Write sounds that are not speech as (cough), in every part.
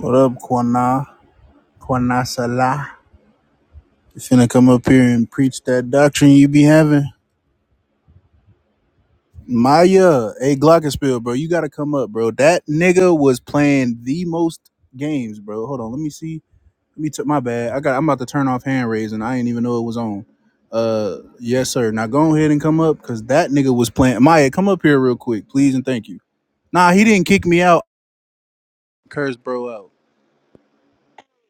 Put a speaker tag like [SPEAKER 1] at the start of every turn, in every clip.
[SPEAKER 1] What up, Kwana? Kwana Salah. You finna come up here and preach that doctrine you be having? Maya, hey Glockenspiel, bro, you gotta come up, bro. That nigga was playing the most games, bro. Hold on, let me see. Let me take my bad. I got. I'm about to turn off hand raising. I didn't even know it was on. Uh, yes, sir. Now go ahead and come up, cause that nigga was playing. Maya, come up here real quick, please and thank you. Nah, he didn't kick me out. Curse, bro, out.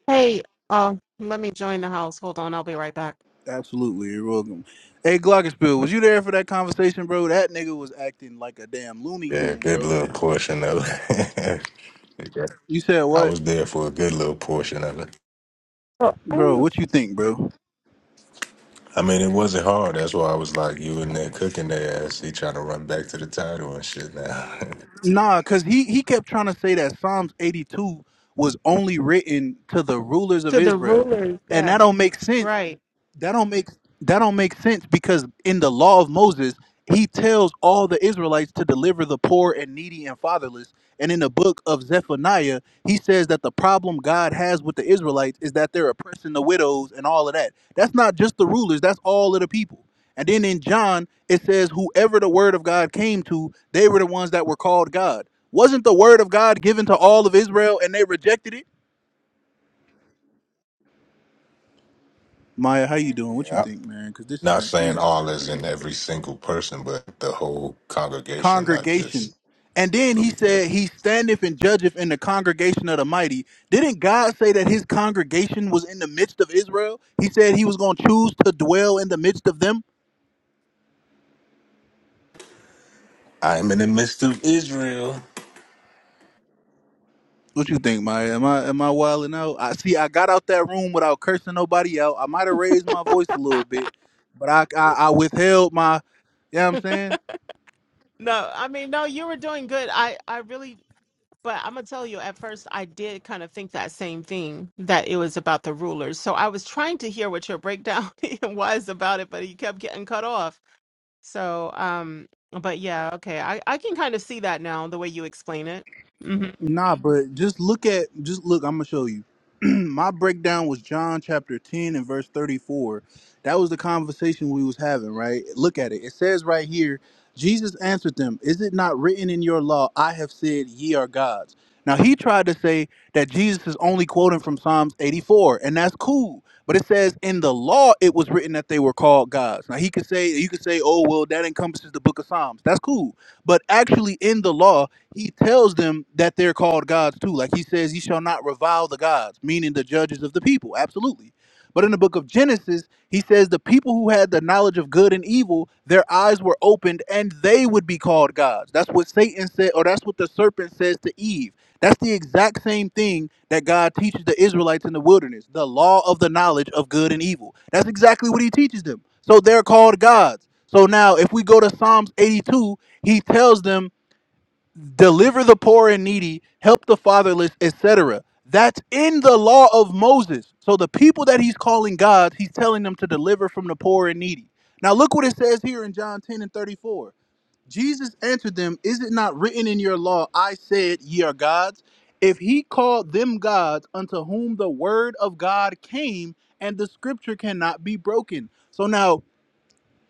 [SPEAKER 2] Hey, um, let me join the house. Hold on, I'll be right back.
[SPEAKER 1] Absolutely, you're welcome. Hey, Glockenspiel, was you there for that conversation, bro? That nigga was acting like a damn Looney
[SPEAKER 3] Yeah,
[SPEAKER 1] Tune,
[SPEAKER 3] good
[SPEAKER 1] bro.
[SPEAKER 3] little portion of it. (laughs) Yeah.
[SPEAKER 1] You said
[SPEAKER 3] I
[SPEAKER 1] what,
[SPEAKER 3] was there for a good little portion of it.
[SPEAKER 2] Oh,
[SPEAKER 1] bro?
[SPEAKER 2] oh,
[SPEAKER 1] What you think, bro?
[SPEAKER 3] I mean, it wasn't hard. That's why I was like, you in there cooking their ass. He trying to run back to the title and shit now. (laughs)
[SPEAKER 1] Nah, cause he he kept trying to say that Psalms 82 was only written to the rulers of
[SPEAKER 2] to the
[SPEAKER 1] Israel,
[SPEAKER 2] rulers,
[SPEAKER 1] and
[SPEAKER 2] yeah,
[SPEAKER 1] that don't make sense
[SPEAKER 2] right.
[SPEAKER 1] that don't make that don't make sense because in the law of Moses, he tells all the Israelites to deliver the poor and needy and fatherless. And in the book of Zephaniah, he says that the problem God has with the Israelites is that they're oppressing the widows and all of that. That's not just the rulers, that's all of the people. And then in John, it says, whoever the word of God came to, they were the ones that were called God. Wasn't the word of God given to all of Israel and they rejected it? Maya, how you doing? What you
[SPEAKER 3] Yeah.
[SPEAKER 1] think, man? Because this is
[SPEAKER 3] not saying
[SPEAKER 1] insane.
[SPEAKER 3] all is in every single person, but the whole congregation, not just.
[SPEAKER 1] congregation. And then he said, He standeth and judgeth in the congregation of the mighty. Didn't God say that his congregation was in the midst of Israel? He said he was going to choose to dwell in the midst of them.
[SPEAKER 3] I'm in the midst of Israel.
[SPEAKER 1] What you think, Maya? Am I am I wilding out? I see. I got out that room without cursing nobody out. I might have raised my voice a little bit, but I I, I withheld my. You know what I'm saying?
[SPEAKER 2] No, I mean, no, you were doing good. I, I really, but I'm gonna tell you, at first, I did kind of think that same thing that it was about the rulers. So I was trying to hear what your breakdown (laughs) was about it, but you kept getting cut off. So, um, but yeah, okay, I, I can kind of see that now, the way you explain it. hmm
[SPEAKER 1] Nah, but just look at just look. I'm gonna show you. (clears throat) My breakdown was John chapter 10 and verse 34. That was the conversation we was having, right? Look at it. It says right here, Jesus answered them, "Is it not written in your law, I have said ye are gods?" Now he tried to say that Jesus is only quoting from Psalms 84, and that's cool. But it says in the law it was written that they were called gods. Now he could say you could say, "Oh, well, that encompasses the book of Psalms." That's cool. But actually in the law he tells them that they're called gods too. Like he says, "Ye shall not revile the gods," meaning the judges of the people. Absolutely. But in the book of Genesis, he says the people who had the knowledge of good and evil, their eyes were opened, and they would be called gods. That's what Satan said, or that's what the serpent says to Eve. That's the exact same thing that God teaches the Israelites in the wilderness the law of the knowledge of good and evil. That's exactly what he teaches them. So they're called gods. So now, if we go to Psalms 82, he tells them deliver the poor and needy, help the fatherless, etc. That's in the law of Moses. So the people that he's calling gods, he's telling them to deliver from the poor and needy. Now look what it says here in John 10 and 34. Jesus answered them, Is it not written in your law, I said, ye are gods? If he called them gods unto whom the word of God came, and the scripture cannot be broken. So now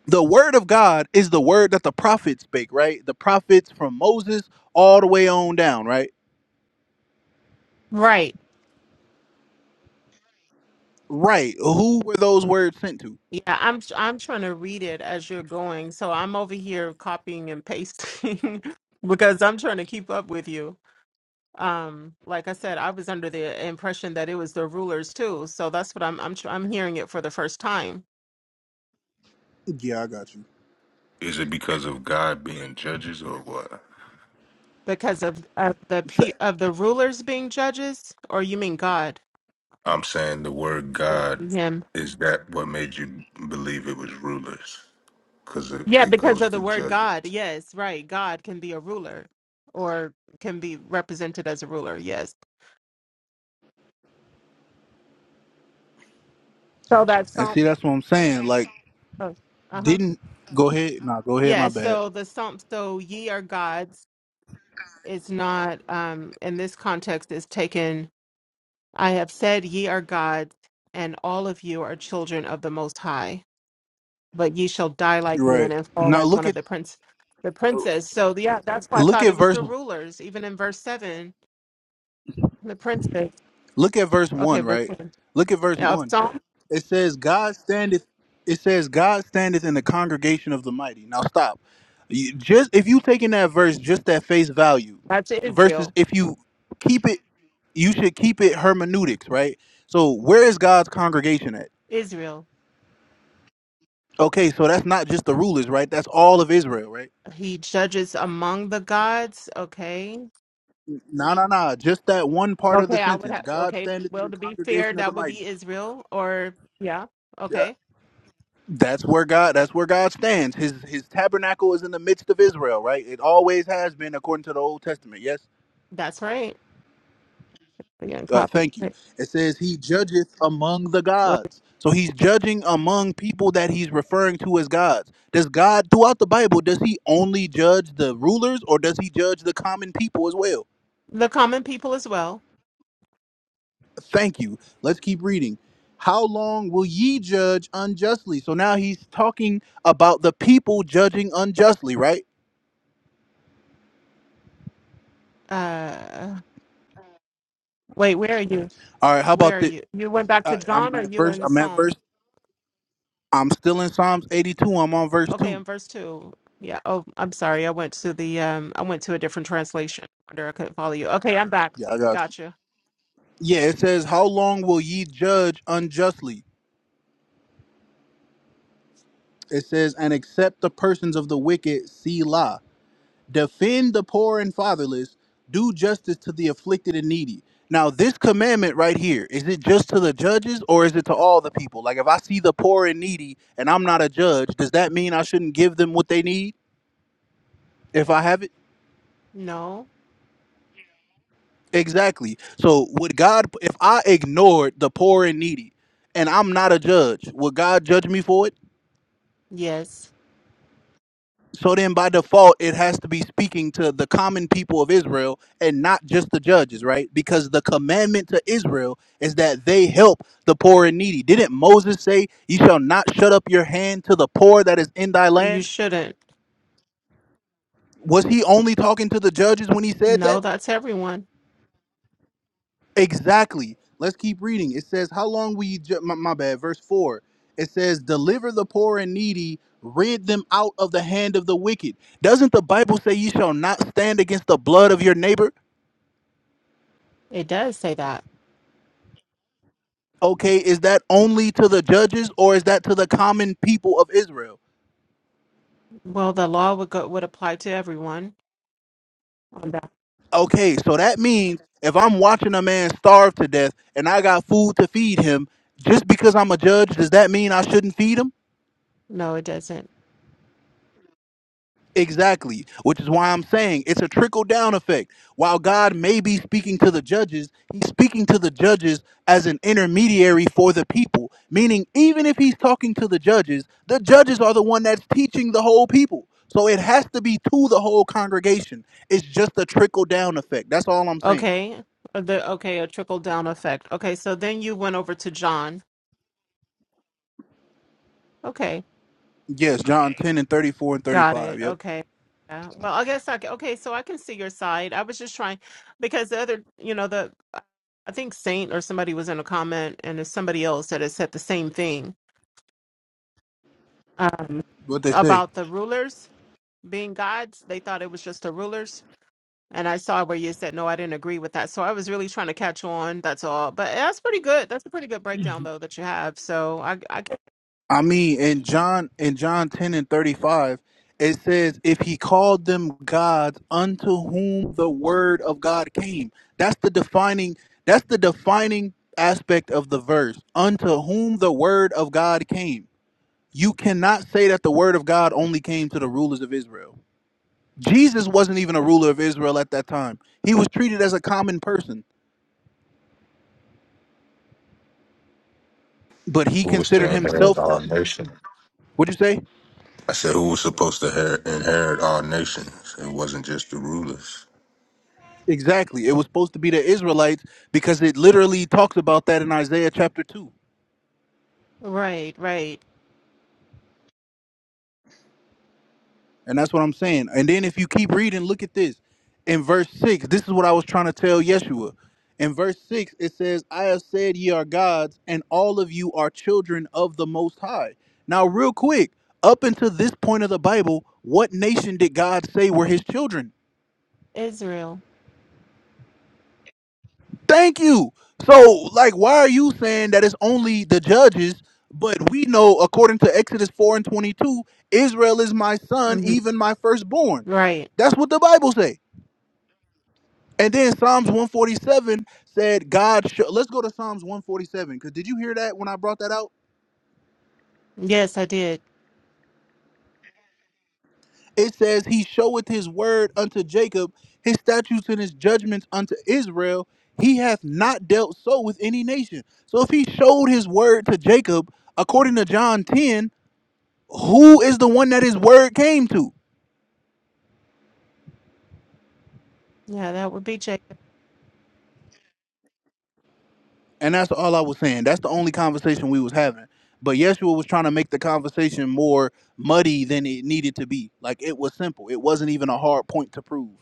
[SPEAKER 1] the word of God is the word that the prophets spake, right? The prophets from Moses all the way on down, right?
[SPEAKER 2] Right.
[SPEAKER 1] Right. Who were those words sent to?
[SPEAKER 2] Yeah, I'm tr- I'm trying to read it as you're going. So I'm over here copying and pasting (laughs) because I'm trying to keep up with you. Um, like I said, I was under the impression that it was the rulers too. So that's what I'm I'm tr- I'm hearing it for the first time
[SPEAKER 1] Yeah, I got you.
[SPEAKER 3] Is it because of God being judges or what?
[SPEAKER 2] because of, of the pe-
[SPEAKER 1] S-
[SPEAKER 2] of the rulers being judges, or you mean God?
[SPEAKER 3] I'm saying the word God
[SPEAKER 2] Him.
[SPEAKER 3] is that what made you believe it was rulers? because it,
[SPEAKER 2] Yeah,
[SPEAKER 3] it
[SPEAKER 2] because
[SPEAKER 3] goes
[SPEAKER 2] of the
[SPEAKER 3] to
[SPEAKER 2] word
[SPEAKER 3] judge
[SPEAKER 2] God. Yes, right. God can be a ruler or can be represented as a ruler. Yes. So that's
[SPEAKER 1] And see,
[SPEAKER 2] Psalm.
[SPEAKER 1] that's what I'm saying. Like,
[SPEAKER 2] Uh huh.
[SPEAKER 1] didn't go ahead. Nah, go ahead.
[SPEAKER 2] Yeah,
[SPEAKER 1] My bad.
[SPEAKER 2] so the psalm, so ye are gods, is not, um, in this context, is taken, I have said, ye are gods, and all of you are children of the Most High, but ye shall die
[SPEAKER 1] You're
[SPEAKER 2] like men
[SPEAKER 1] right.
[SPEAKER 2] and fall
[SPEAKER 1] Now
[SPEAKER 2] like one
[SPEAKER 1] look
[SPEAKER 2] of
[SPEAKER 1] at
[SPEAKER 2] the prince, the princes. So, yeah, that's why I
[SPEAKER 1] look
[SPEAKER 2] thought it
[SPEAKER 1] at
[SPEAKER 2] was
[SPEAKER 1] verse
[SPEAKER 2] the rulers, even in verse 7, the princes.
[SPEAKER 1] look at verse
[SPEAKER 2] Okay,
[SPEAKER 1] one,
[SPEAKER 2] verse
[SPEAKER 1] right?
[SPEAKER 2] 7
[SPEAKER 1] Look at verse
[SPEAKER 2] of
[SPEAKER 1] one.
[SPEAKER 2] Psalm,
[SPEAKER 1] It says God standeth. It says God standeth in the congregation of the mighty. Now stop. You- just if you taking that verse just at face value,
[SPEAKER 2] that's
[SPEAKER 1] versus
[SPEAKER 2] Israel.
[SPEAKER 1] if you keep it, you should keep it hermeneutics, right? So where is God's congregation at?
[SPEAKER 2] Israel,
[SPEAKER 1] Okay, so that's not just the rulers, right? That's all of Israel, right?
[SPEAKER 2] he judges among the gods. Okay,
[SPEAKER 1] No, no, no. Just that one part of the
[SPEAKER 2] Okay, I would
[SPEAKER 1] sentence.
[SPEAKER 2] have.
[SPEAKER 1] God
[SPEAKER 2] Okay,
[SPEAKER 1] standeth in
[SPEAKER 2] well,
[SPEAKER 1] the
[SPEAKER 2] to be fair,
[SPEAKER 1] congregation of the
[SPEAKER 2] that would
[SPEAKER 1] mighty.
[SPEAKER 2] be Israel, or yeah,
[SPEAKER 1] Uh,
[SPEAKER 2] okay,
[SPEAKER 1] That's where God. That's where God stands. His His tabernacle is in the midst of Israel, right? It always has been, according to the Old Testament. Yes.
[SPEAKER 2] that's right. Again,
[SPEAKER 1] Uh,
[SPEAKER 2] copy
[SPEAKER 1] thank you.
[SPEAKER 2] right.
[SPEAKER 1] It says He judgeth among the
[SPEAKER 2] right.
[SPEAKER 1] gods. So He's judging among people that He's referring to as gods. Does God throughout the Bible does He only judge the rulers, or does He judge the common people as well?
[SPEAKER 2] the common people as well.
[SPEAKER 1] Thank you. Let's keep reading. How long will ye judge unjustly? So now He's talking about the people judging unjustly, right?
[SPEAKER 2] Uh, wait, where are you?
[SPEAKER 1] All right. How
[SPEAKER 2] Where
[SPEAKER 1] about
[SPEAKER 2] are
[SPEAKER 1] this?
[SPEAKER 2] you? You went back to
[SPEAKER 1] I, I'm
[SPEAKER 2] John, or
[SPEAKER 1] at
[SPEAKER 2] you were
[SPEAKER 1] verse.
[SPEAKER 2] in
[SPEAKER 1] I'm at
[SPEAKER 2] Psalm?
[SPEAKER 1] verse. I'm still in Psalms 82. I'm on verse
[SPEAKER 2] Okay,
[SPEAKER 1] two.
[SPEAKER 2] in verse two. Yeah. Oh, I'm sorry. I went to the um. I went to a different translation. Wonder I couldn't follow you. Okay, I'm back.
[SPEAKER 1] Yeah, I got you.
[SPEAKER 2] Gotcha.
[SPEAKER 1] Yeah, it says, "How long will ye judge unjustly?" It says, "And accept the persons of the wicked, Selah. Defend the poor and fatherless. Do justice to the afflicted and needy." Now, this commandment right here is it just to the judges or is it to all the people? Like, if I see the poor and needy and I'm not a judge, does that mean I shouldn't give them what they need if I have it?
[SPEAKER 2] No.
[SPEAKER 1] Exactly. So would God if I ignored the poor and needy and I'm not a judge, would God judge me for it?
[SPEAKER 2] Yes.
[SPEAKER 1] So then by default it has to be speaking to the common people of Israel and not just the judges, right? Because the commandment to Israel is that they help the poor and needy. Didn't Moses say, "You shall not shut up your hand to the poor that is in thy
[SPEAKER 2] You
[SPEAKER 1] land"?
[SPEAKER 2] shouldn't.
[SPEAKER 1] Was he only talking to the judges when he said that?
[SPEAKER 2] No, that's everyone.
[SPEAKER 1] Exactly. Let's keep reading. It says, How long will you, ju- my, my bad, verse 4. It says, Deliver the poor and needy, rid them out of the hand of the wicked. Doesn't the Bible say you shall not stand against the blood of your neighbor?
[SPEAKER 2] It does say that.
[SPEAKER 1] Okay, is that only to the judges or is that to the common people of Israel?
[SPEAKER 2] Well, the law would go would apply to everyone. Oh, No,
[SPEAKER 1] Okay, so that means if I'm watching a man starve to death and I got food to feed him, just because I'm a judge, does that mean I shouldn't feed him?
[SPEAKER 2] No, it doesn't.
[SPEAKER 1] Exactly, which is why I'm saying it's a trickle down effect. While God may be speaking to the judges, he's speaking to the judges as an intermediary for the people. Meaning, even if he's talking to the judges, the judges are the one that's teaching the whole people. So it has to be to the whole congregation. It's just a trickle down effect. That's all I'm saying.
[SPEAKER 2] Okay. Uh, The okay, a trickle down effect. Okay, so then you went over to John. Okay,
[SPEAKER 1] Yes, John 10 and 34 and
[SPEAKER 2] got
[SPEAKER 1] 35.
[SPEAKER 2] it.
[SPEAKER 1] Yep.
[SPEAKER 2] Okay. Yeah. Well, I guess I can, okay, so I can see your side. I was just trying because the other, you know, the I think Saint or somebody was in a comment and there's somebody else that had said the same thing um
[SPEAKER 1] What they say.
[SPEAKER 2] about the rulers being gods. They thought it was just the rulers. And I saw where you said, no, I didn't agree with that. So I was really trying to catch on. That's all. But that's pretty good. That's a pretty good breakdown, though, that you have. So I, I get-
[SPEAKER 1] I mean, in John in John ten and thirty five, it says, "If he called them gods, unto whom the word of God came." That's the defining. That's the defining aspect of the verse. Unto whom the word of God came. You cannot say that the word of God only came to the rulers of Israel. Jesus wasn't even a ruler of Israel at that time. He was treated as a common person, but he
[SPEAKER 3] who was
[SPEAKER 1] considered
[SPEAKER 3] to inherit
[SPEAKER 1] himself. A,
[SPEAKER 3] our nation.
[SPEAKER 1] what'd you say?
[SPEAKER 3] I said, who was supposed to her- inherit our nations? It wasn't just the rulers.
[SPEAKER 1] Exactly. It was supposed to be the Israelites because it literally talks about that in Isaiah chapter 2.
[SPEAKER 2] right, right.
[SPEAKER 1] And that's what I'm saying. And then if you keep reading, look at this. In verse 6, this is what I was trying to tell Yeshua. In verse 6, it says, I have said ye are gods, and all of you are children of the Most High. Now, real quick, up until this point of the Bible, what nation did God say were his children?
[SPEAKER 2] Israel.
[SPEAKER 1] Thank you. So, like, why are you saying that it's only the judges? But we know, according to Exodus 4 and 22, Israel is my son,
[SPEAKER 2] hmm
[SPEAKER 1] even my firstborn.
[SPEAKER 2] Right.
[SPEAKER 1] That's what the Bible say. And then Psalms 147 said, God, show. let's go to Psalms 147, because did you hear that when I brought that out?
[SPEAKER 2] Yes, I did.
[SPEAKER 1] It says, He showeth His word unto Jacob, His statutes and His judgments unto Israel. He hath not dealt so with any nation. So if He showed His word to Jacob, according to John 10, who is the one that his word came to?
[SPEAKER 2] Yeah, that would be Jacob.
[SPEAKER 1] And that's all I was saying. That's the only conversation we was having. But Yeshua was trying to make the conversation more muddy than it needed to be. Like it was simple. It wasn't even a hard point to prove.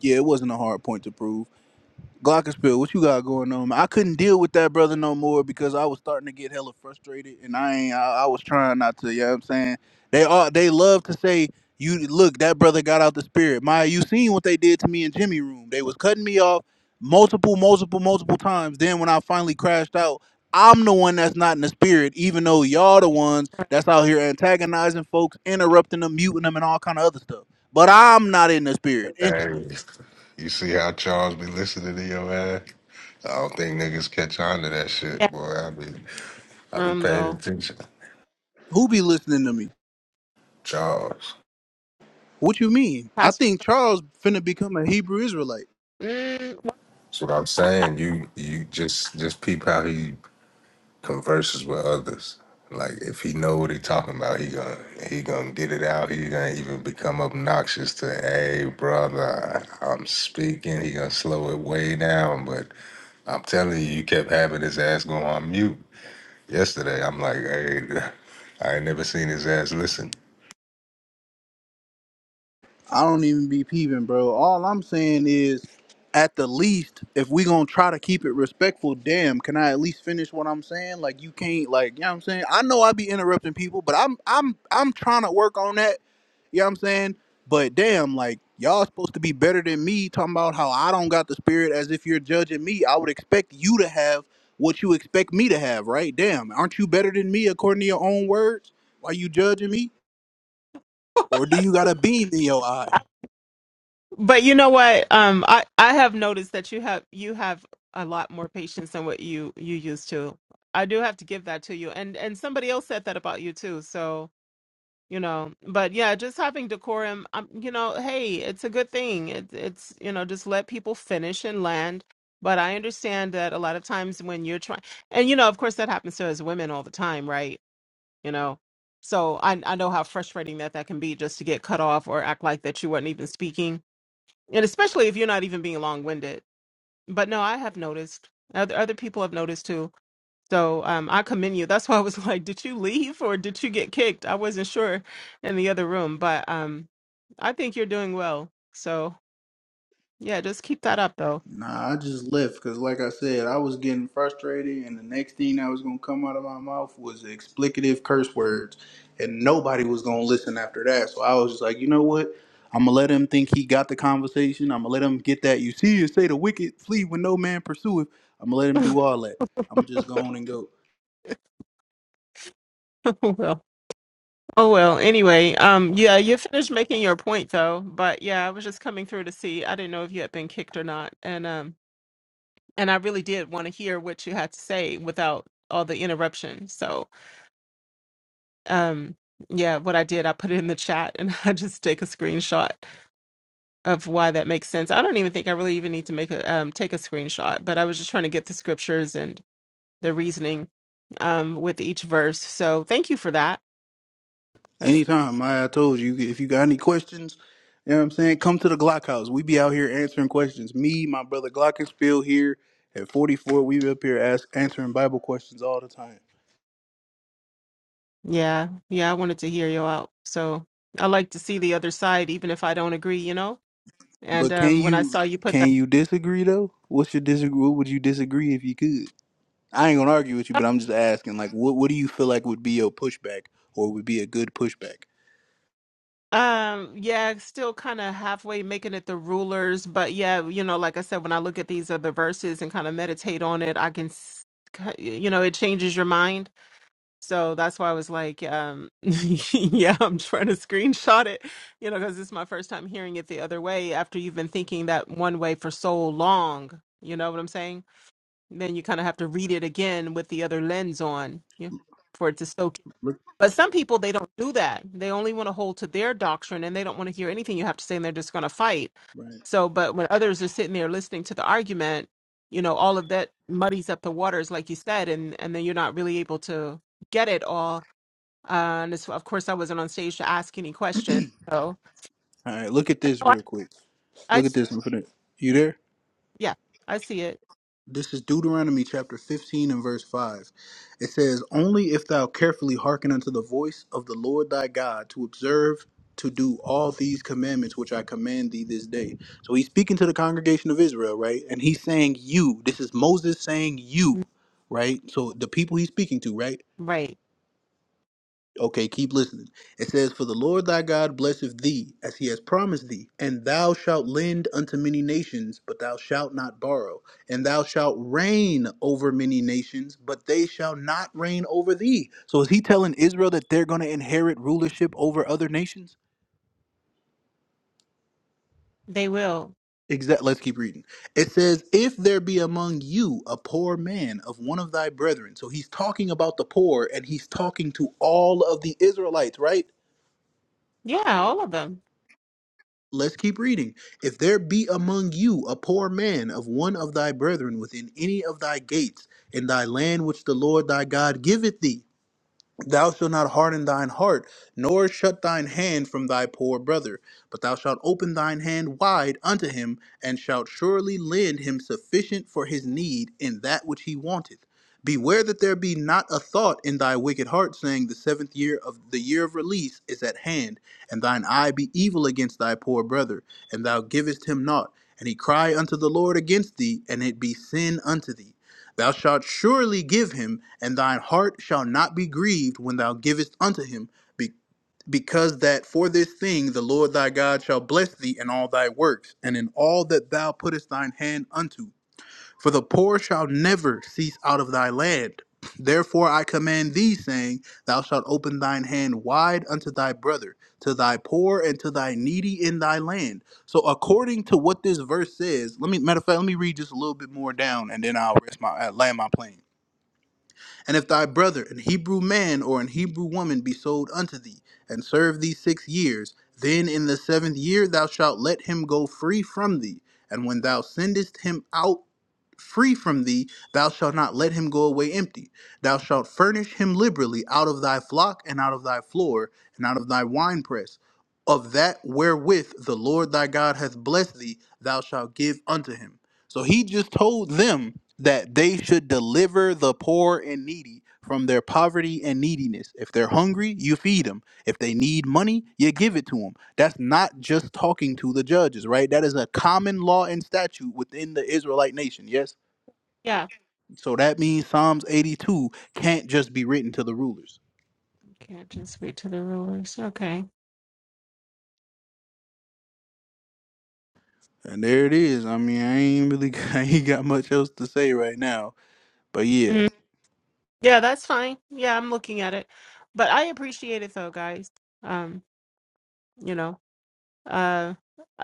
[SPEAKER 1] Yeah, it wasn't a hard point to prove. Glockenspiel, what you got going on? man? I couldn't deal with that brother no more because I was starting to get hella frustrated, and I ain't. I, I was trying not to. You know what I'm saying? They are. They love to say, "You look, that brother got out the spirit." Maya, you seen what they did to me in Jimmy room? They was cutting me off multiple, multiple, multiple times. Then when I finally crashed out, I'm the one that's not in the spirit, even though y'all the ones that's out here antagonizing folks, interrupting them, muting them, and all kind of other stuff. But I'm not in the spirit.
[SPEAKER 3] Hey,
[SPEAKER 1] Interesting.
[SPEAKER 3] you see how Charles be listening to your man? I don't think niggas catch on to that
[SPEAKER 2] Yeah,
[SPEAKER 3] shit, boy. I be, I be
[SPEAKER 2] room,
[SPEAKER 3] paying
[SPEAKER 2] though.
[SPEAKER 3] attention,
[SPEAKER 1] Who be listening to me?
[SPEAKER 3] Charles.
[SPEAKER 1] What you mean? I
[SPEAKER 2] Pastor.
[SPEAKER 1] think Charles finna become a Hebrew Israelite.
[SPEAKER 2] Mm,
[SPEAKER 3] That's what I'm saying. You, you just, just peep how he converses with others. Like if he know what he talking about, he gonna he gonna get it out. He gonna even become obnoxious to, hey brother, I'm speaking. He gonna slow it way down. But I'm telling you, you kept having his ass go on mute yesterday. I'm like, hey, (laughs) I ain't never seen his ass listen.
[SPEAKER 1] I don't even be peeping, bro. All I'm saying is, at the least, if we gonna try to keep it respectful, damn, can I at least finish what I'm saying? Like you can't, like you know what I'm saying. I know I be interrupting people, but I'm I'm I'm trying to work on that. You know what I'm saying? But damn, like y'all supposed to be better than me talking about how I don't got the spirit as if you're judging me. I would expect you to have what you expect me to have, right? Damn, aren't you better than me according to your own words? Why you judging me? Or do you got a beam in your eye?
[SPEAKER 2] but you know what? Um, I, I have noticed that you have you have a lot more patience than what you you used to. I do have to give that to you. And and somebody else said that about you too. So you know but yeah just having decorum um, you know hey it's a good thing it, it's you know just let people finish and land but i understand that a lot of times when you're trying and you know of course that happens to us women all the time right you know so I, I know how frustrating that that can be just to get cut off or act like that you weren't even speaking and especially if you're not even being long-winded but no i have noticed other, other people have noticed too so um, I commend you. That's why I was (laughs) like, did you leave or did you get kicked? I wasn't sure in the other room, but um, I think you're doing well. So yeah, just keep that up though.
[SPEAKER 1] Nah, I just left because, like I said, I was getting frustrated, and the next thing that was gonna come out of my mouth was explicative curse words, and nobody was gonna listen after that. So I was just like, you know what? I'm gonna let him think he got the conversation. I'm gonna let him get that. You see, you say the wicked flee when no man pursueth. I'm gonna let him do all that. I'm gonna just go on and go.
[SPEAKER 2] (laughs) oh well. Oh well. Anyway, um, yeah, you finished making your point though. But yeah, I was just coming through to see. I didn't know if you had been kicked or not, and um, and I really did want to hear what you had to say without all the interruption. So um, yeah, what I did, I put it in the chat, and (laughs) I just take a screenshot of why that makes sense. I don't even think I really even need to make a um, take a screenshot, but I was just trying to get the scriptures and the reasoning um, with each verse. So thank you for that. 'cause-
[SPEAKER 1] Anytime, Maya, I told you, if you got any questions, you know what I'm saying, come to the Glock House. We be out here answering questions. Me, my brother Glockenspiel here at 44, we be up here ask, answering Bible questions all the time.
[SPEAKER 2] yeah, yeah, I wanted to hear you out. So I like to see the other side, even if I don't agree, you know. And
[SPEAKER 1] But can
[SPEAKER 2] um, when I
[SPEAKER 1] you
[SPEAKER 2] saw you put that,
[SPEAKER 1] can you disagree though? What's your disagree? What would you disagree if you could? I ain't gonna argue with you, but I'm just asking, like, what what do you feel like would be your pushback or would be a good pushback?
[SPEAKER 2] um, yeah, still kind of halfway making it the rulers, but yeah, you know, like I said, when I look at these other verses and kind of meditate on it, I can, s- you know, it changes your mind So that's why I was like, um, (laughs) yeah, I'm trying to screenshot it, you know, because this is my first time hearing it the other way after you've been thinking that one way for so long. You know what I'm saying? Then you kind of have to read it again with the other lens on you know, for it to soak. in.
[SPEAKER 1] Look,
[SPEAKER 2] But some people, they don't do that. They only want to hold to their doctrine and they don't want to hear anything you have to say and they're just going to fight.
[SPEAKER 1] right.
[SPEAKER 2] So, but when others are sitting there listening to the argument, you know, all of that muddies up the waters, like you said, and, and then you're not really able to get it all uh, and it's, of course, I wasn't on stage to ask any questions. So
[SPEAKER 1] All right, look at this
[SPEAKER 2] No, I,
[SPEAKER 1] real quick.
[SPEAKER 2] I
[SPEAKER 1] Look at
[SPEAKER 2] see.
[SPEAKER 1] this. I'm finna- You there?
[SPEAKER 2] Yeah, I see it.
[SPEAKER 1] This is Deuteronomy chapter 15 and verse 5. It says, Only if thou carefully hearken unto the voice of the Lord thy God to observe to do all these commandments which I command thee this day. So he's speaking to the congregation of Israel, right? And he's saying, You. This is Moses saying,
[SPEAKER 2] Mm,
[SPEAKER 1] You, right? So the people he's speaking to, right?
[SPEAKER 2] Right.
[SPEAKER 1] Okay, keep listening. It says, For the Lord thy God blesseth thee, as he has promised thee, and thou shalt lend unto many nations, but thou shalt not borrow. And thou shalt reign over many nations, but they shall not reign over thee. So is he telling Israel that they're going to inherit rulership over other nations?
[SPEAKER 2] They will.
[SPEAKER 1] Exact. Let's keep reading. It says, If there be among you a poor man of one of thy brethren. So he's talking about the poor, and he's talking to all of the Israelites, right?
[SPEAKER 2] Yeah, all of them.
[SPEAKER 1] Let's keep reading. If there be among you a poor man of one of thy brethren within any of thy gates, in thy land which the Lord thy God giveth thee, Thou shalt not harden thine heart, nor shut thine hand from thy poor brother, but thou shalt open thine hand wide unto him, and shalt surely lend him sufficient for his need in that which he wanteth. Beware that there be not a thought in thy wicked heart, saying, The seventh year of the year of release is at hand, and thine eye be evil against thy poor brother, and thou givest him naught, and he cry unto the Lord against thee, and it be sin unto thee. Thou shalt surely give him, and thine heart shall not be grieved when thou givest unto him, be- because that for this thing the Lord thy God shall bless thee in all thy works, and in all that thou puttest thine hand unto. For the poor shall never cease out of thy land. Therefore I command thee, saying, Thou shalt open thine hand wide unto thy brother, to thy poor and to thy needy in thy land. So according to what this verse says, let me matter of fact, let me read just a little bit more down, and then I'll rest my uh, land my plane. And if thy brother, an Hebrew man or an Hebrew woman, be sold unto thee, and serve thee six years, then in the seventh year thou shalt let him go free from thee. And when thou sendest him out free from thee, thou shalt not let him go away empty. Thou shalt furnish him liberally out of thy flock and out of thy floor and out of thy winepress. Of that wherewith the Lord thy God hath blessed thee, thou shalt give unto him. So he just told them that they should deliver the poor and needy from their poverty and neediness. If they're hungry, you feed them. If they need money, you give it to them. That's not just talking to the judges, right? That is a common law and statute within the Israelite nation, yes?
[SPEAKER 2] Yeah.
[SPEAKER 1] So that means Psalms 82 can't just be written to the rulers.
[SPEAKER 2] Can't just wait to the rulers. Okay.
[SPEAKER 1] And there it is. I mean, I ain't really (laughs) I ain't got much else to say right now. But yeah,
[SPEAKER 2] Mhm. Yeah, that's fine. Yeah, I'm looking at it. But I appreciate it though, guys. Um, you know, uh,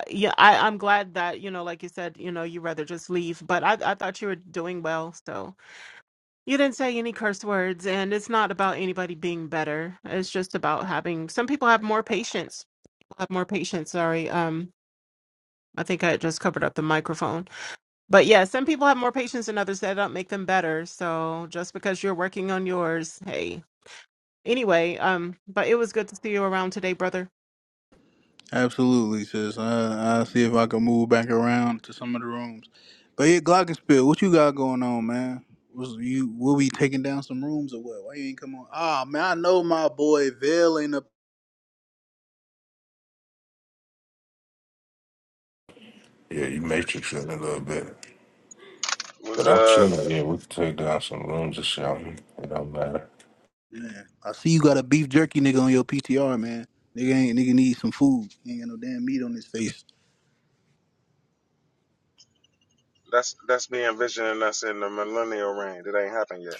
[SPEAKER 2] yeah, I, I'm glad that, you know, like you said, you know, you rather just leave, but I, I thought you were doing well. so. You didn't say any curse words, and it's not about anybody being better. It's just about having some people have more patience. Have more patience. Sorry, um, I think I just covered up the microphone. But yeah, some people have more patience than others. That don't make them better. So just because you're working on yours, hey. Anyway, um, but it was good to see you around today, brother.
[SPEAKER 1] absolutely, sis. I, I'll see if I can move back around to some of the rooms. But yeah, Glockenspiel, what you got going on, man? was you will we taking down some rooms or what? Why you ain't come on? Ah man, I know my boy Vail ain't up
[SPEAKER 3] Yeah, you matrix it a little bit.
[SPEAKER 4] was
[SPEAKER 3] But I'm
[SPEAKER 4] uh
[SPEAKER 3] chilling. Yeah, we can take down some rooms or something. It don't matter.
[SPEAKER 1] Man, I see you got a beef jerky nigga on your PTR, man. Nigga ain't nigga need some food. He ain't got no damn meat on his face. (laughs)
[SPEAKER 4] that's that's me envisioning us in the millennial reign. It ain't happened yet.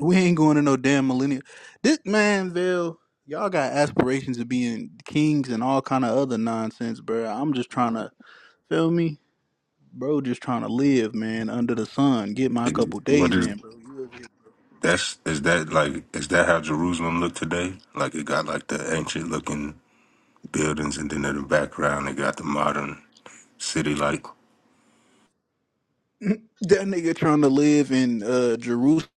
[SPEAKER 1] We ain't going to no damn millennial. This man, Vale, y'all got aspirations of being kings and all kind of other nonsense, bro. I'm just trying to feel me, bro. Just trying to live, man, under the sun. Get my couple
[SPEAKER 3] What
[SPEAKER 1] days
[SPEAKER 3] is?
[SPEAKER 1] in, bro. You over
[SPEAKER 3] That's is that like is that how Jerusalem looked today? Like it got like the ancient looking buildings, and then in the background it got the modern city like.
[SPEAKER 1] here? (laughs) (clears throat) that nigga trying to live in uh Jerusalem,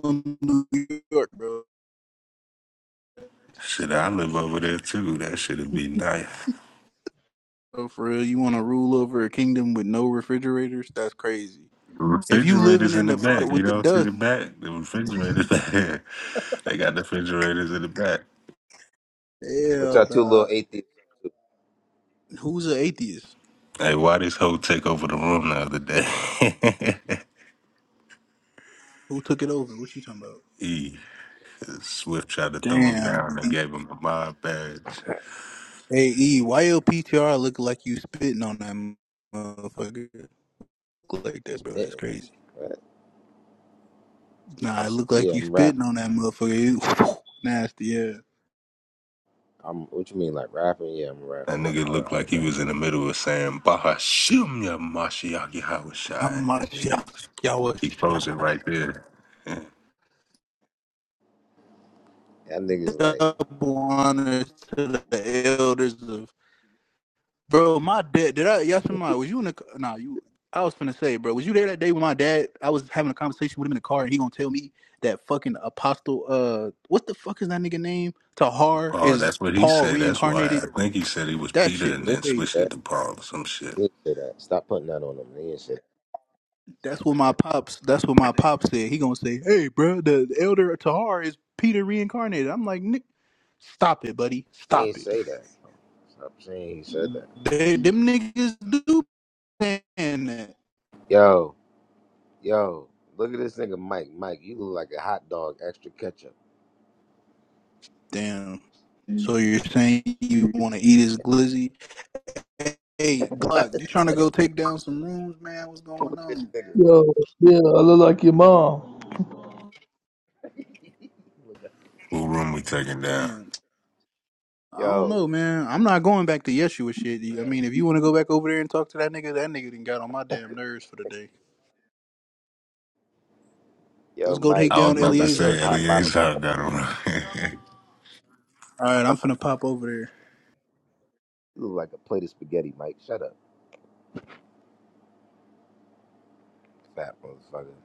[SPEAKER 1] New York, bro.
[SPEAKER 3] Shit, I live
[SPEAKER 1] Shit,
[SPEAKER 3] over there too. That
[SPEAKER 1] crazy.
[SPEAKER 3] shit'd be nice.
[SPEAKER 1] Oh, for real, you want to rule over a kingdom with no refrigerators? That's crazy.
[SPEAKER 3] The
[SPEAKER 1] If you living
[SPEAKER 3] refrigerators in
[SPEAKER 1] in
[SPEAKER 3] the
[SPEAKER 1] the part
[SPEAKER 3] back, you
[SPEAKER 1] with the
[SPEAKER 3] don't see the
[SPEAKER 1] dust,
[SPEAKER 3] back. The refrigerators (laughs) They got the refrigerators in the back.
[SPEAKER 5] What
[SPEAKER 1] hell,
[SPEAKER 5] y'all two little
[SPEAKER 1] dog.
[SPEAKER 5] atheists up to?
[SPEAKER 1] Who's an atheist?
[SPEAKER 3] Hey, why this hoe take over the room the other day?
[SPEAKER 1] Who took it over? What you talking about?
[SPEAKER 3] (laughs) E Swift tried to throw him
[SPEAKER 1] Damn.
[SPEAKER 3] down and
[SPEAKER 1] E-
[SPEAKER 3] gave him a mob badge.
[SPEAKER 1] Hey, E, why your PTR look like you spitting on that motherfucker? Look like that, bro. That's
[SPEAKER 5] spitting?
[SPEAKER 1] crazy.
[SPEAKER 5] What? I'm
[SPEAKER 1] Nah, it
[SPEAKER 5] s-
[SPEAKER 1] look like
[SPEAKER 5] yeah,
[SPEAKER 1] you
[SPEAKER 5] I'm
[SPEAKER 1] spitting
[SPEAKER 5] rapping.
[SPEAKER 1] on that motherfucker. You- (laughs) nasty, yeah.
[SPEAKER 5] I'm what you mean like rapping? Yeah, I'm
[SPEAKER 3] That
[SPEAKER 5] rapping. I,
[SPEAKER 3] nigga
[SPEAKER 5] I,
[SPEAKER 3] looked
[SPEAKER 5] I
[SPEAKER 3] like
[SPEAKER 5] was
[SPEAKER 3] he
[SPEAKER 5] rapping
[SPEAKER 3] was in the
[SPEAKER 5] right
[SPEAKER 3] middle of saying Bahashim Ya Mashiach Yahushai.
[SPEAKER 1] I'm a
[SPEAKER 3] He
[SPEAKER 1] shock. Y'all was
[SPEAKER 3] he closed it right
[SPEAKER 1] shy.
[SPEAKER 3] there. Yeah.
[SPEAKER 5] there. That nigga's like
[SPEAKER 1] Double honors to the elders of Bro, my dad, did I, yes, my, was you in the, nah, you, I was finna say, bro, was you there that day with my dad, I was having a conversation with him in the car, and he gonna tell me that fucking apostle, uh, what the fuck is that nigga name? Tahar
[SPEAKER 3] Paul,
[SPEAKER 1] is
[SPEAKER 3] that's what he
[SPEAKER 1] Paul
[SPEAKER 3] said. That's why I
[SPEAKER 1] reincarnated?
[SPEAKER 3] think he said he was
[SPEAKER 1] That
[SPEAKER 3] Peter
[SPEAKER 1] shit
[SPEAKER 3] and
[SPEAKER 1] was
[SPEAKER 5] he didn't
[SPEAKER 3] then
[SPEAKER 5] say
[SPEAKER 1] crazy.
[SPEAKER 3] switched it
[SPEAKER 5] that.
[SPEAKER 3] to Paul or some shit.
[SPEAKER 5] He didn't say that. Stop putting that on him. He didn't say that.
[SPEAKER 1] That's what my pops, that's what my pop said. He gonna say, hey, bro, the, the elder Tahar is Peter reincarnated. I'm like, Nick, stop it, buddy,
[SPEAKER 5] He didn't
[SPEAKER 1] stop it.
[SPEAKER 5] say that. Stop saying he said that.
[SPEAKER 1] They, them niggas do saying that.
[SPEAKER 5] Yo, yo, look at this nigga Mike. Mike, you look like a hot dog, extra ketchup.
[SPEAKER 1] Damn.
[SPEAKER 5] (laughs)
[SPEAKER 1] So you're saying you
[SPEAKER 5] look
[SPEAKER 1] want to eat his glizzy? Hey,
[SPEAKER 5] at
[SPEAKER 1] Glock, you trying to go take down some rooms, man? What's going
[SPEAKER 5] this
[SPEAKER 1] on?
[SPEAKER 5] nigga.
[SPEAKER 6] Yo, yeah, I look like your mom.
[SPEAKER 3] What room we taking down?
[SPEAKER 1] Damn. I don't
[SPEAKER 5] Yo,
[SPEAKER 1] know, man. I'm not going back to Yeshua shit. I mean, if you want to go back over there and talk to that nigga, that nigga done got on my damn nerves for the day.
[SPEAKER 5] yo,
[SPEAKER 1] Let's go take
[SPEAKER 5] Mike,
[SPEAKER 3] I was
[SPEAKER 1] down
[SPEAKER 5] you
[SPEAKER 3] about
[SPEAKER 5] look
[SPEAKER 3] to
[SPEAKER 5] like a hip
[SPEAKER 1] Eleazar
[SPEAKER 3] say
[SPEAKER 5] hop
[SPEAKER 1] shit.
[SPEAKER 5] bottle.
[SPEAKER 3] Eleazar got a room. (laughs)
[SPEAKER 1] All right, I'm finna pop over there.
[SPEAKER 5] You look like a plate of spaghetti, Mike. Shut up. Fat motherfucker.